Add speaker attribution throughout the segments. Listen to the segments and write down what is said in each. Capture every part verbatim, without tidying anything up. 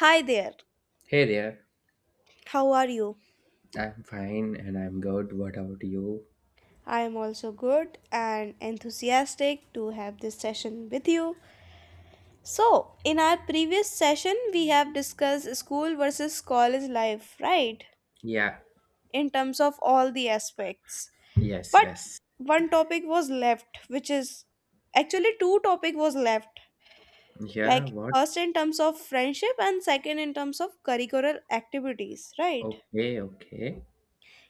Speaker 1: Hi there,
Speaker 2: Hey there,
Speaker 1: how are you?
Speaker 2: I'm fine and I'm good. What about you?
Speaker 1: I am also good and enthusiastic to have this session with you. So, in our previous session, we have discussed school versus college life, right?
Speaker 2: Yeah,
Speaker 1: In terms of all the aspects.
Speaker 2: yes,
Speaker 1: But
Speaker 2: yes.
Speaker 1: one topic was left, which is actually two topic was left.
Speaker 2: Yeah,
Speaker 1: Like
Speaker 2: what?
Speaker 1: first in terms of friendship and second in terms of curricular activities, right?
Speaker 2: Okay, okay.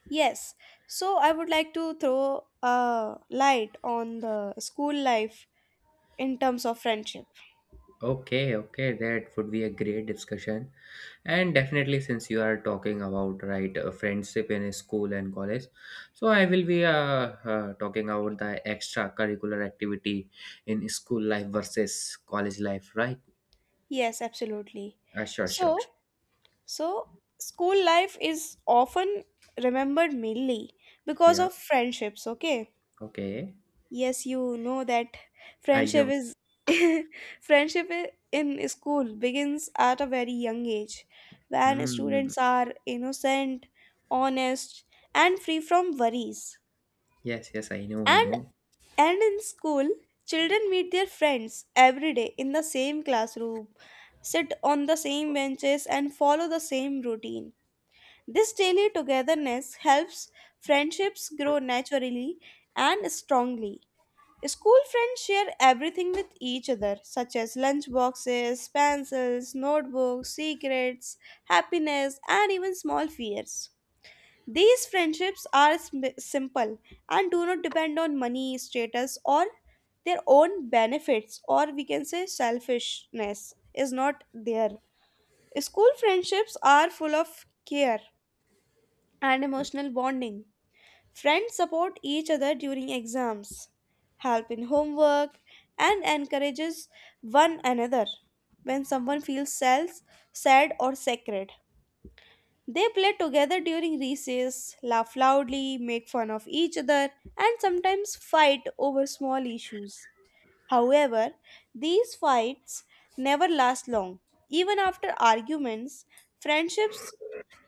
Speaker 1: Yes, so I would like to throw a light on the school life in terms of friendship.
Speaker 2: Okay, okay, that would be a great discussion. And definitely, since you are talking about right uh, friendship in school and college, so I will be uh, uh, talking about the extracurricular activity in school life versus college life, right?
Speaker 1: Yes, absolutely.
Speaker 2: Uh, sure, sure.
Speaker 1: So, so school life is often remembered mainly because
Speaker 2: Yeah,
Speaker 1: of friendships, okay?
Speaker 2: okay.
Speaker 1: Yes, you know that
Speaker 2: I
Speaker 1: friendship
Speaker 2: know.
Speaker 1: is friendship i- in school begins at a very young age when
Speaker 2: Hmm.
Speaker 1: students are innocent, honest, and free from worries.
Speaker 2: Yes, yes, I know, I
Speaker 1: And
Speaker 2: know.
Speaker 1: And in school, children meet their friends every day in the same classroom, sit on the same benches, and follow the same routine. This daily togetherness helps friendships grow naturally and strongly. School friends share everything with each other, such as lunch boxes, pencils, notebooks, secrets, happiness, and even small fears. These friendships are sm- simple and do not depend on money, status, or their own benefits, or we can say selfishness is not there. School friendships are full of care and emotional bonding. Friends support each other during exams, help in homework, and encourages one another when someone feels self, sad, or sacred. They play together during recess, laugh loudly, make fun of each other, and sometimes fight over small issues. However, these fights never last long. Even after arguments, friendships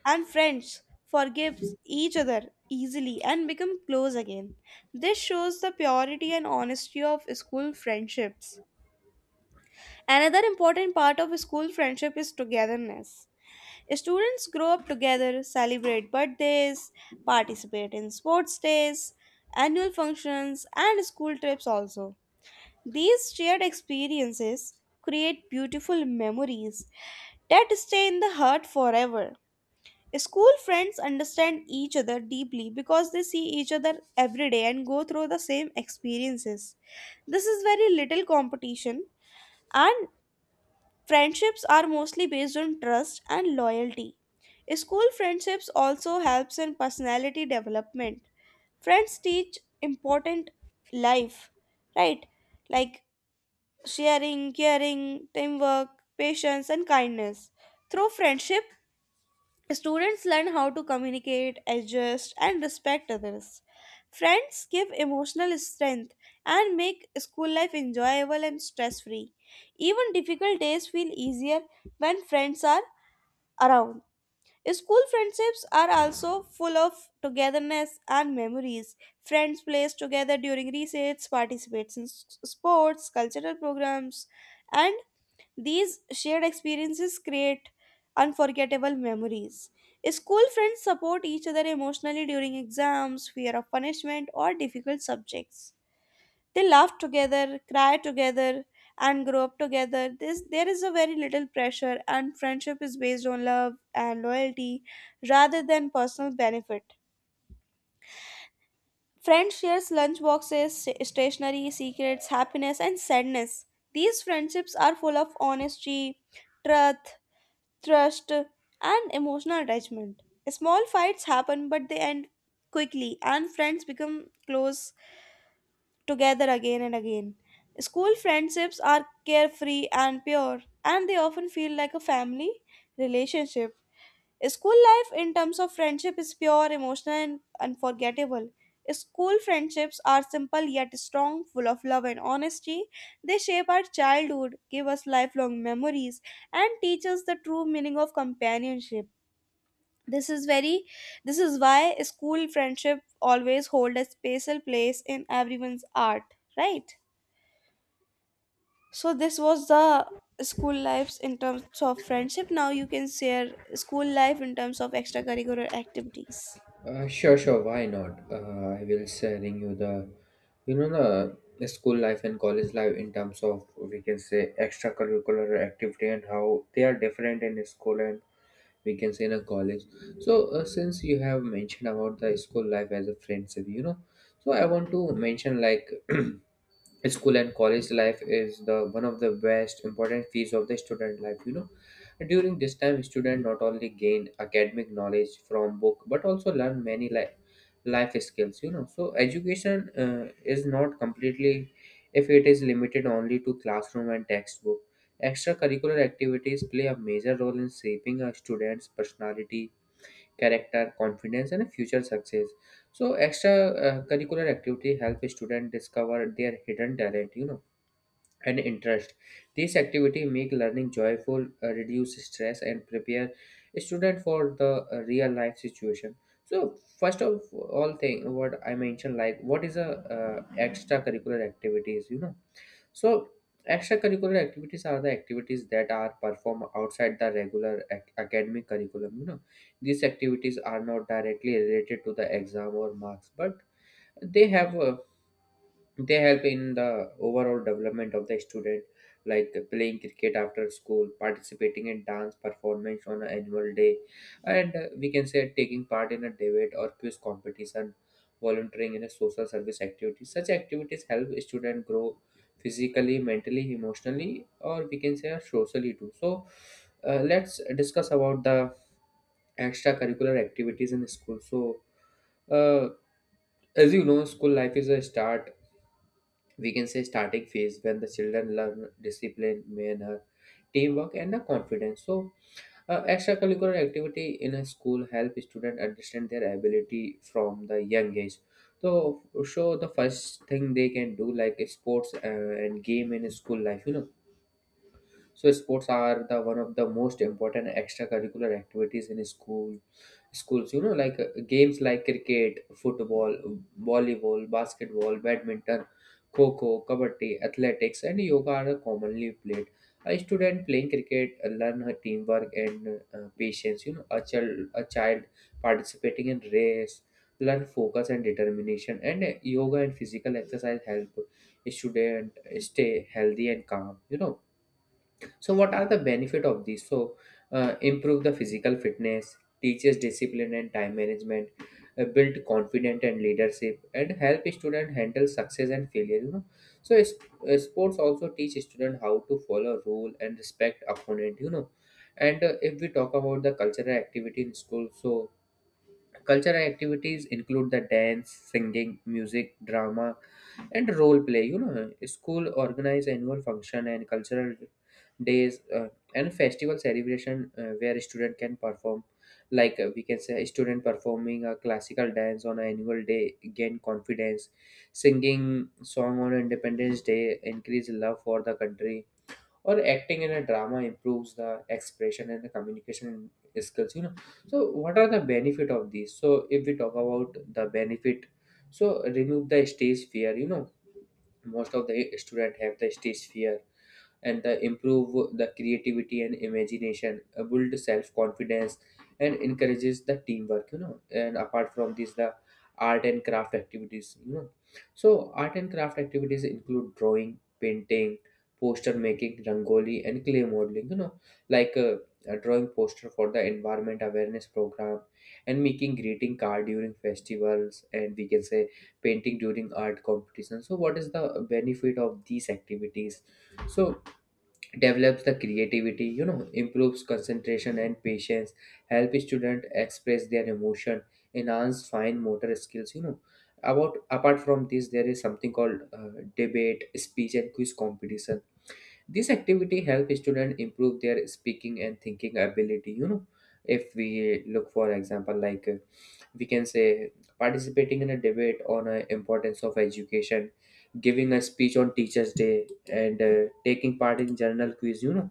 Speaker 1: and friends forgive each other easily and become close again. This shows the purity and honesty of school friendships. Another important part of school friendship is togetherness. Students grow up together, celebrate birthdays, participate in sports days, annual functions, and school trips also. These shared experiences create beautiful memories that stay in the heart forever. School friends understand each other deeply because they see each other every day and go through the same experiences. This is very little competition, and friendships are mostly based on trust and loyalty. School friendships also helps in personality development. Friends teach important life, right? Like sharing, caring, teamwork, patience and kindness. Through friendship, students learn how to communicate, adjust, and respect others. Friends give emotional strength and make school life enjoyable and stress free. Even difficult days feel easier when friends are around. School friendships are also full of togetherness and memories. Friends play together during recess, participate in s- sports, cultural programs, and these shared experiences create unforgettable memories. School friends support each other emotionally during exams, fear of punishment, or difficult subjects. They laugh together, cry together, and grow up together. This, there is a very little pressure, and friendship is based on love and loyalty rather than personal benefit. Friends shares lunch boxes, sta- stationery, secrets, happiness, and sadness. These friendships are full of honesty, truth, trust, and emotional attachment. Small fights happen, but they end quickly, and friends become close together again and again. School friendships are carefree and pure, and they often feel like a family relationship. School life, in terms of friendship, is pure, emotional, and unforgettable. School friendships are simple yet strong, full of love and honesty. They shape our childhood, give us lifelong memories, and teach us the true meaning of companionship. This is very this is why school friendship always hold a special place in everyone's heart, right? So this was the school lives in terms of friendship. Now you can share school life in terms of extracurricular activities.
Speaker 2: Uh, sure, sure. Why not? Uh, I will sharing you the, you know, the the school life and college life in terms of, we can say, extracurricular activity, and how they are different in school and, we can say, in a college. So uh, since you have mentioned about the school life as a friendship, you know, so I want to mention like. School and college life is the one of the best important phase of the student life, you know. During this time student not only gain academic knowledge from book but also learn many life life skills, you know. So education uh, is not completely, if it is limited only to classroom and textbook. Extracurricular activities play a major role in shaping a student's personality, character, confidence, and future success. So extra uh, curricular activity help students discover their hidden talent, you know, and interest. These activity make learning joyful, uh, reduce stress, and prepare student for the uh, real life situation. So first of all thing what I mentioned like, what is a uh, extracurricular activities, you know? So, extracurricular activities are the activities that are performed outside the regular ac- academic curriculum. You know, these activities are not directly related to the exam or marks, but they have a they help in the overall development of the student, like playing cricket after school, participating in dance performance on an annual day, and, uh, we can say, taking part in a debate or quiz competition, volunteering in a social service activity. Such activities help student grow physically, mentally, emotionally, or we can say uh, socially too. So uh, let's discuss about the extracurricular activities in school. So uh, as you know, school life is a start, we can say starting phase, when the children learn discipline, manner, teamwork, and the confidence. So uh, extracurricular activity in a school help students understand their ability from the young age. So show the first thing they can do like sports uh, and game in school life, you know. So sports are the one of the most important extracurricular activities in school schools. You know, like uh, games like cricket, football, volleyball, basketball, badminton, kho-kho, kabaddi, athletics, and yoga are commonly played. A student playing cricket uh, learn her teamwork and uh, patience. You know, a child a child participating in race learn focus and determination. And uh, yoga and physical exercise help a student stay healthy and calm. You know, so what are the benefit of these? So uh, improve the physical fitness, teaches discipline and time management, uh, build confidence and leadership, and help student handle success and failure. You know, so it's, uh, sports also teach student how to follow rule and respect opponent. You know, and uh, if we talk about the cultural activity in school, so cultural activities include the dance, singing, music, drama, and role play. You know, school organize annual function and cultural days, uh, and festival celebration, uh, where student can perform. Like uh, we can say, a student performing a classical dance on an annual day gain confidence. Singing song on Independence Day increase love for the country, or acting in a drama improves the expression and the communication skills, you know. So what are the benefit of these? So if we talk about the benefit, so remove the stage fear, you know, most of the student have the stage fear, and the improve the creativity and imagination, uh, build self-confidence and encourages the teamwork, you know. And apart from this, the art and craft activities, you know. So art and craft activities include drawing, painting, poster making, rangoli, and clay modeling, you know. Like uh, uh, drawing poster for the environment awareness program, and making greeting card during festivals, and we can say painting during art competition. So what is the benefit of these activities? So develops the creativity, you know, improves concentration and patience, help student express their emotion, enhance fine motor skills, you know. About apart from this, there is something called uh, debate, speech, and quiz competition. This activity help student improve their speaking and thinking ability, you know. If we look for example, like uh, we can say, participating in a debate on uh, importance of education, giving a speech on teachers day, and uh, taking part in journal quiz, you know.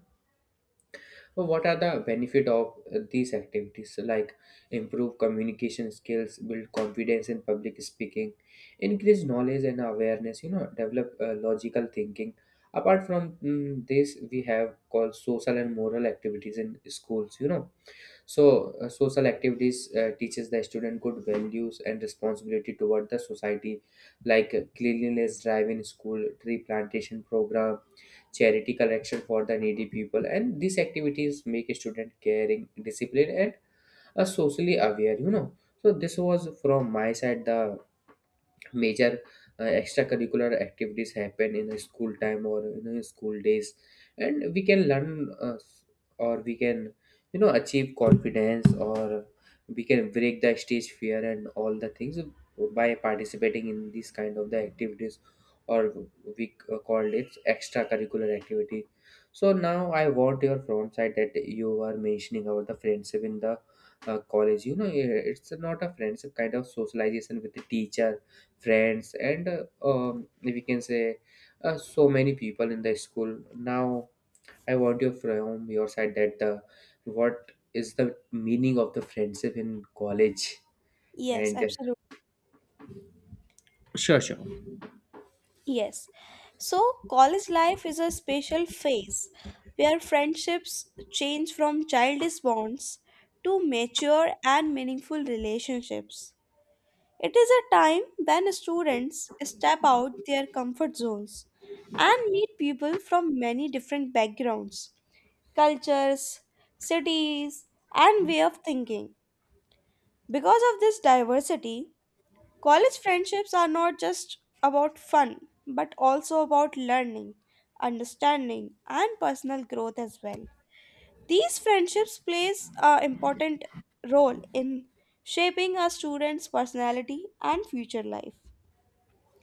Speaker 2: But what are the benefit of uh, these activities, like improve communication skills, build confidence in public speaking, increase knowledge and awareness, you know, develop uh, logical thinking. Apart from mm, this, we have called social and moral activities in schools, you know. So, uh, social activities uh, teaches the student good values and responsibility toward the society, like uh, cleanliness drive in school, tree plantation program, charity collection for the needy people, and these activities make a student caring, disciplined, and uh, socially aware. You know. So this was from my side the major uh, extracurricular activities happen in a school time or in a school days, and we can learn uh, or we can, you know, achieve confidence or we can break the stage fear and all the things by participating in these kind of the activities, or we uh, called it extracurricular activity. So now I want your front side that you are mentioning about the friendship in the uh, college, you know. It's not a friendship kind of socialization with the teacher, friends, and uh, um, we can say uh, so many people in the school. Now I want you from your side that uh, what is the meaning of the friendship in college,
Speaker 1: Yes,
Speaker 2: and
Speaker 1: absolutely. Yes. So, college life is a special phase where friendships change from childish bonds to mature and meaningful relationships. It is a time when students step out their comfort zones and meet people from many different backgrounds, cultures, cities, and way of thinking. Because of this diversity, college friendships are not just about fun, but also about learning, understanding, and personal growth as well. These friendships plays an important role in shaping a student's personality and future life.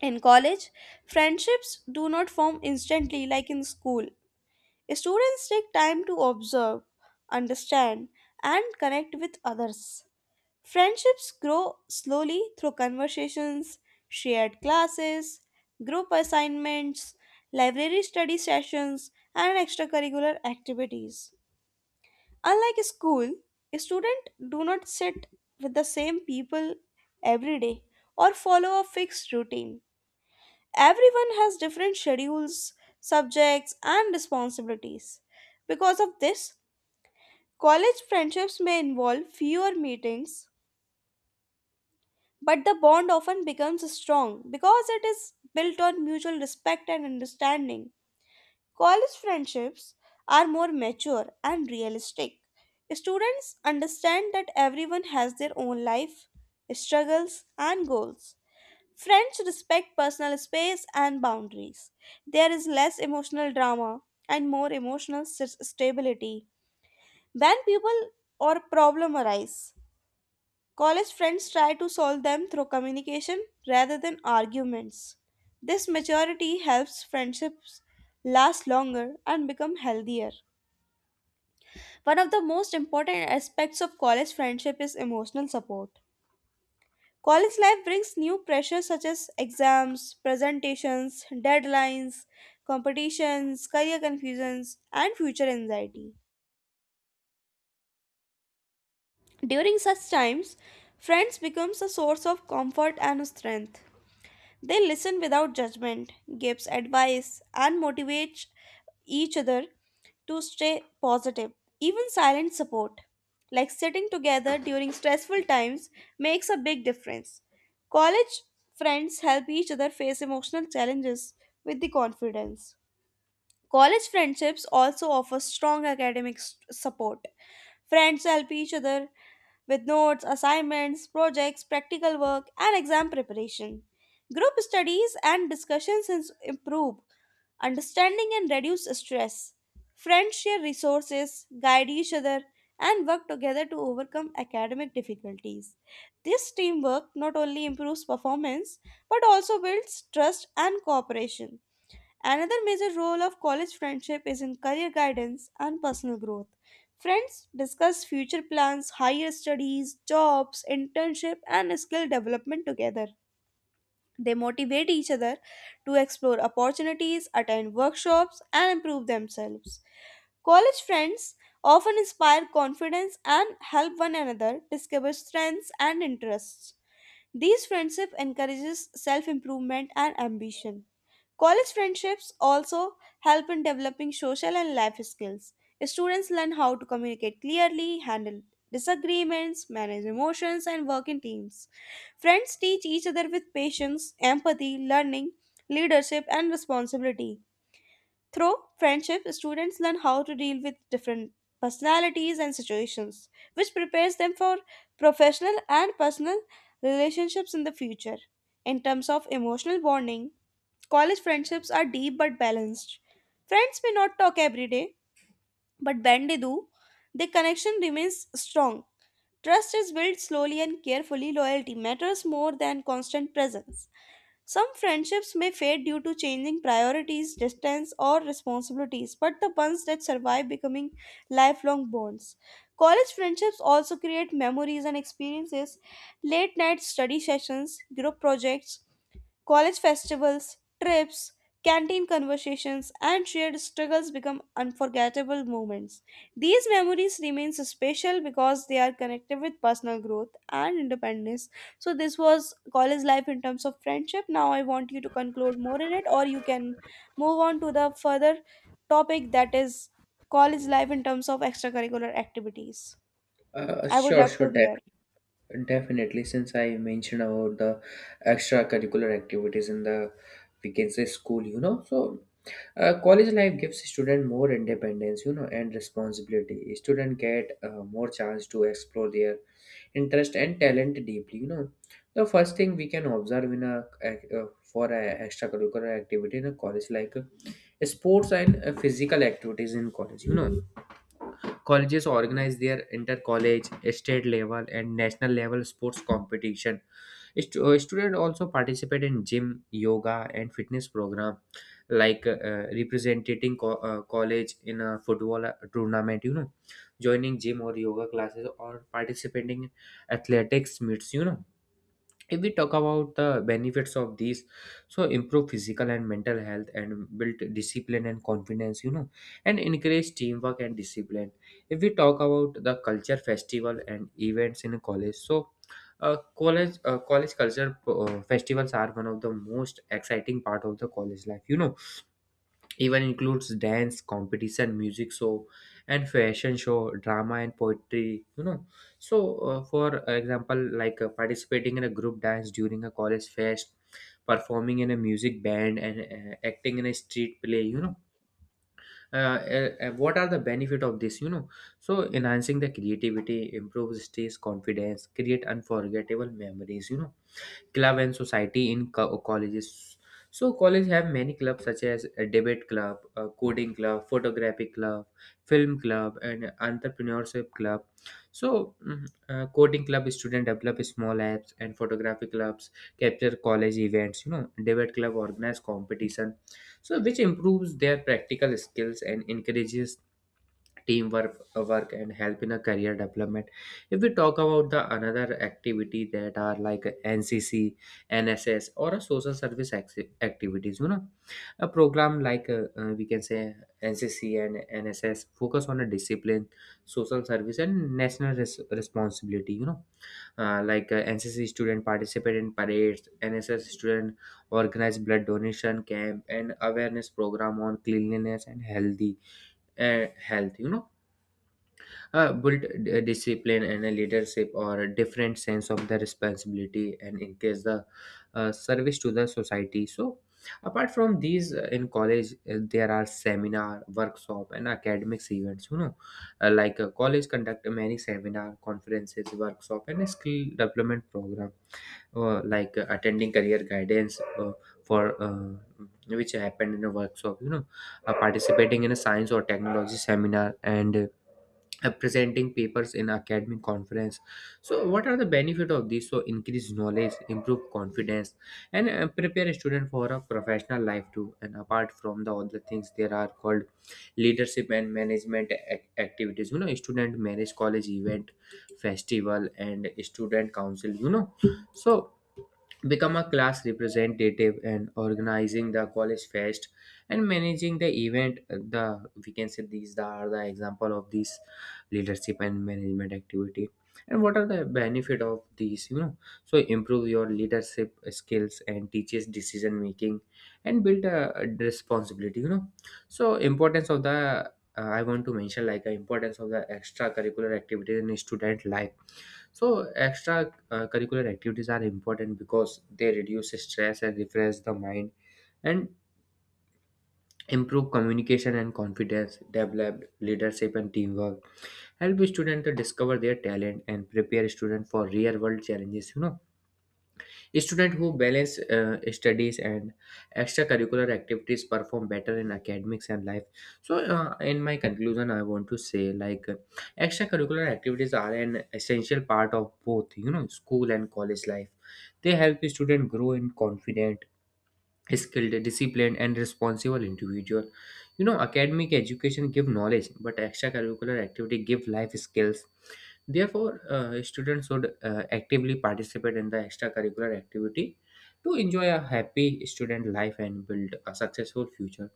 Speaker 1: In college, friendships do not form instantly like in school. Students take time to observe, understand, and connect with others. Friendships grow slowly through conversations, shared classes, group assignments, library study sessions, and extracurricular activities. Unlike school, students do not sit with the same people every day or follow a fixed routine. Everyone has different schedules, subjects, and responsibilities. Because of this, college friendships may involve fewer meetings, but the bond often becomes strong because it is built on mutual respect and understanding. College friendships are more mature and realistic. Students understand that everyone has their own life, struggles, and goals. Friends respect personal space and boundaries. There is less emotional drama and more emotional s- stability. When people or problem arise, college friends try to solve them through communication rather than arguments. This maturity helps friendships last longer and become healthier. One of the most important aspects of college friendship is emotional support. College life brings new pressures such as exams, presentations, deadlines, competitions, career confusions, and future anxiety. During such times, friends becomes a source of comfort and strength. They listen without judgment, gives advice, and motivates each other to stay positive. Even silent support, like sitting together during stressful times, makes a big difference. College friends help each other face emotional challenges with the confidence. College friendships also offer strong academic s- support. Friends help each other with notes, assignments, projects, practical work, and exam preparation. Group studies and discussions ins- improve understanding and reduce stress. Friends share resources, guide each other, and work together to overcome academic difficulties. This teamwork not only improves performance but also builds trust and cooperation. Another major role of college friendship is in career guidance and personal growth. Friends discuss future plans, higher studies, jobs, internship, and skill development together. They motivate each other to explore opportunities, attend workshops, and improve themselves. College friends often inspire confidence and help one another discover strengths and interests. These friendship encourages self-improvement and ambition. College friendships also help in developing social and life skills. Students learn how to communicate clearly, handle disagreements, manage emotions, and work in teams. Friends teach each other with patience, empathy, learning, leadership, and responsibility. Through friendship, students learn how to deal with different personalities and situations, which prepares them for professional and personal relationships in the future. In terms of emotional bonding, college friendships are deep but balanced. Friends may not talk every day, but when they do, the connection remains strong. Trust is built slowly and carefully. Loyalty matters more than constant presence. Some friendships may fade due to changing priorities, distance, or responsibilities, but the ones that survive becoming lifelong bonds. College friendships also create memories and experiences, late night study sessions, group projects, college festivals, trips, canteen conversations, and shared struggles become unforgettable moments. These memories remain special because they are connected with personal growth and independence. So, this was college life in terms of friendship. Now, I want you to conclude more in it, or you can move on to the further topic that is college life in terms of extracurricular activities.
Speaker 2: uh,
Speaker 1: I would
Speaker 2: sure,
Speaker 1: love to
Speaker 2: sure.
Speaker 1: hear.
Speaker 2: Definitely, since I mentioned about the extracurricular activities in the, we can say, school, you know, so uh, college life gives student more independence, you know, and responsibility. Student get uh, more chance to explore their interest and talent deeply. You know, the first thing we can observe in a uh, for a extracurricular activity in a college, like uh, sports and uh, physical activities in college. You know, colleges organize their inter-college, state level, and national level sports competition. Stu- uh, students also participate in gym, yoga, and fitness program, like uh, uh, representing co- uh, college in a football uh, tournament. You know, joining gym or yoga classes, or participating in athletics meets. You know, if we talk about the benefits of these, so improve physical and mental health, and build discipline and confidence, you know, and encourage teamwork and discipline. If we talk about the culture festival and events in college, so uh, college uh, college culture uh, festivals are one of the most exciting part of the college life, you know. Even includes dance competition, music show and fashion show, drama and poetry, you know. So uh, for example, like uh, participating in a group dance during a college fest, performing in a music band, and uh, acting in a street play, you know. uh, uh, uh, what are the benefit of this, you know? So enhancing the creativity, improves stress confidence, create unforgettable memories, you know. Club and society in co- colleges, so college have many clubs such as a debate club, a coding club, photography club, film club, and entrepreneurship club. So mm, uh, coding club student develop small apps, and photography clubs capture college events, you know. Debate club organize competition, so which improves their practical skills and encourages teamwork work and help in a career development. If we talk about the another activity that are like N C C, N S S, or a social service acti- activities, you know, a program like uh, uh, we can say, N C C and N S S focus on a discipline, social service, and national res- responsibility, you know. Uh, like uh, N C C student participate in parades, N S S student organize blood donation camp and awareness program on cleanliness and healthy uh, health, you know. Uh, build d- discipline and a leadership, or a different sense of the responsibility, and in case the uh, service to the society. So apart from these, uh, in college, uh, there are seminar, workshop, and academics events, you know. Uh, like uh, college conduct many seminar, conferences, workshop, and a skill development program. Uh, like uh, attending career guidance, uh, for uh, which happened in a workshop, you know, uh, participating in a science or technology seminar, and uh, uh, presenting papers in academic conference. So what are the benefit of this? So increase knowledge, improve confidence, and uh, prepare a student for a professional life too. And apart from the other things, there are called leadership and management ac- activities, you know. Student manage college event, festival, and student council, you know. So become a class representative and organizing the college fest and managing the event, uh, the we can say these the- are the example of these leadership and management activity. And what are the benefit of these, you know? So improve your leadership skills and teaches decision making, and build a responsibility, you know. So importance of the, uh, I want to mention like the importance of the extracurricular activities in student life. So extra uh, curricular activities are important because they reduce stress and refresh the mind, and improve communication and confidence, develop leadership and teamwork, help students to discover their talent, and prepare students for real world challenges, you know. Students who balance uh, studies and extracurricular activities perform better in academics and life. So, uh, in my conclusion, I want to say like uh, extracurricular activities are an essential part of both, you know, school and college life. They help students grow in confident, skilled, disciplined, and responsible individual. You know, academic education give knowledge, but extracurricular activity give life skills. Therefore, uh, students should uh, actively participate in the extracurricular activity to enjoy a happy student life and build a successful future.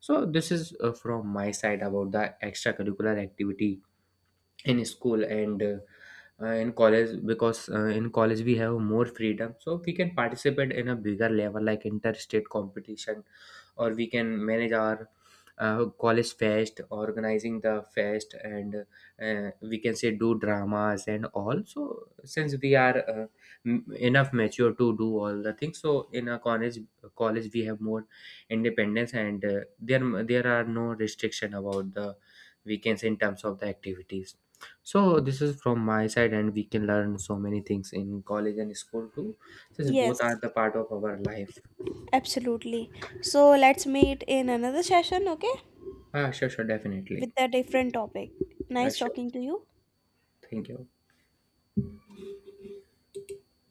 Speaker 2: So, this is uh, from my side about the extracurricular activity in school and uh, uh, in college. Because uh, in college we have more freedom, so we can participate in a bigger level like interstate competition, or we can manage our uh, college fest, organizing the fest and uh, we can say do dramas and all. So since we are uh, m- enough mature to do all the things, so in a college college we have more independence, and uh, there there are no restriction about the weekends in terms of the activities. So this is from my side, and we can learn so many things in college and school too, since
Speaker 1: Yes,
Speaker 2: both are the part of our life.
Speaker 1: absolutely. So, let's meet in another session, okay?
Speaker 2: Ah, sure, sure, definitely.
Speaker 1: With a different topic.
Speaker 2: Ah,
Speaker 1: Nice
Speaker 2: sure.
Speaker 1: talking to you.
Speaker 2: Thank you.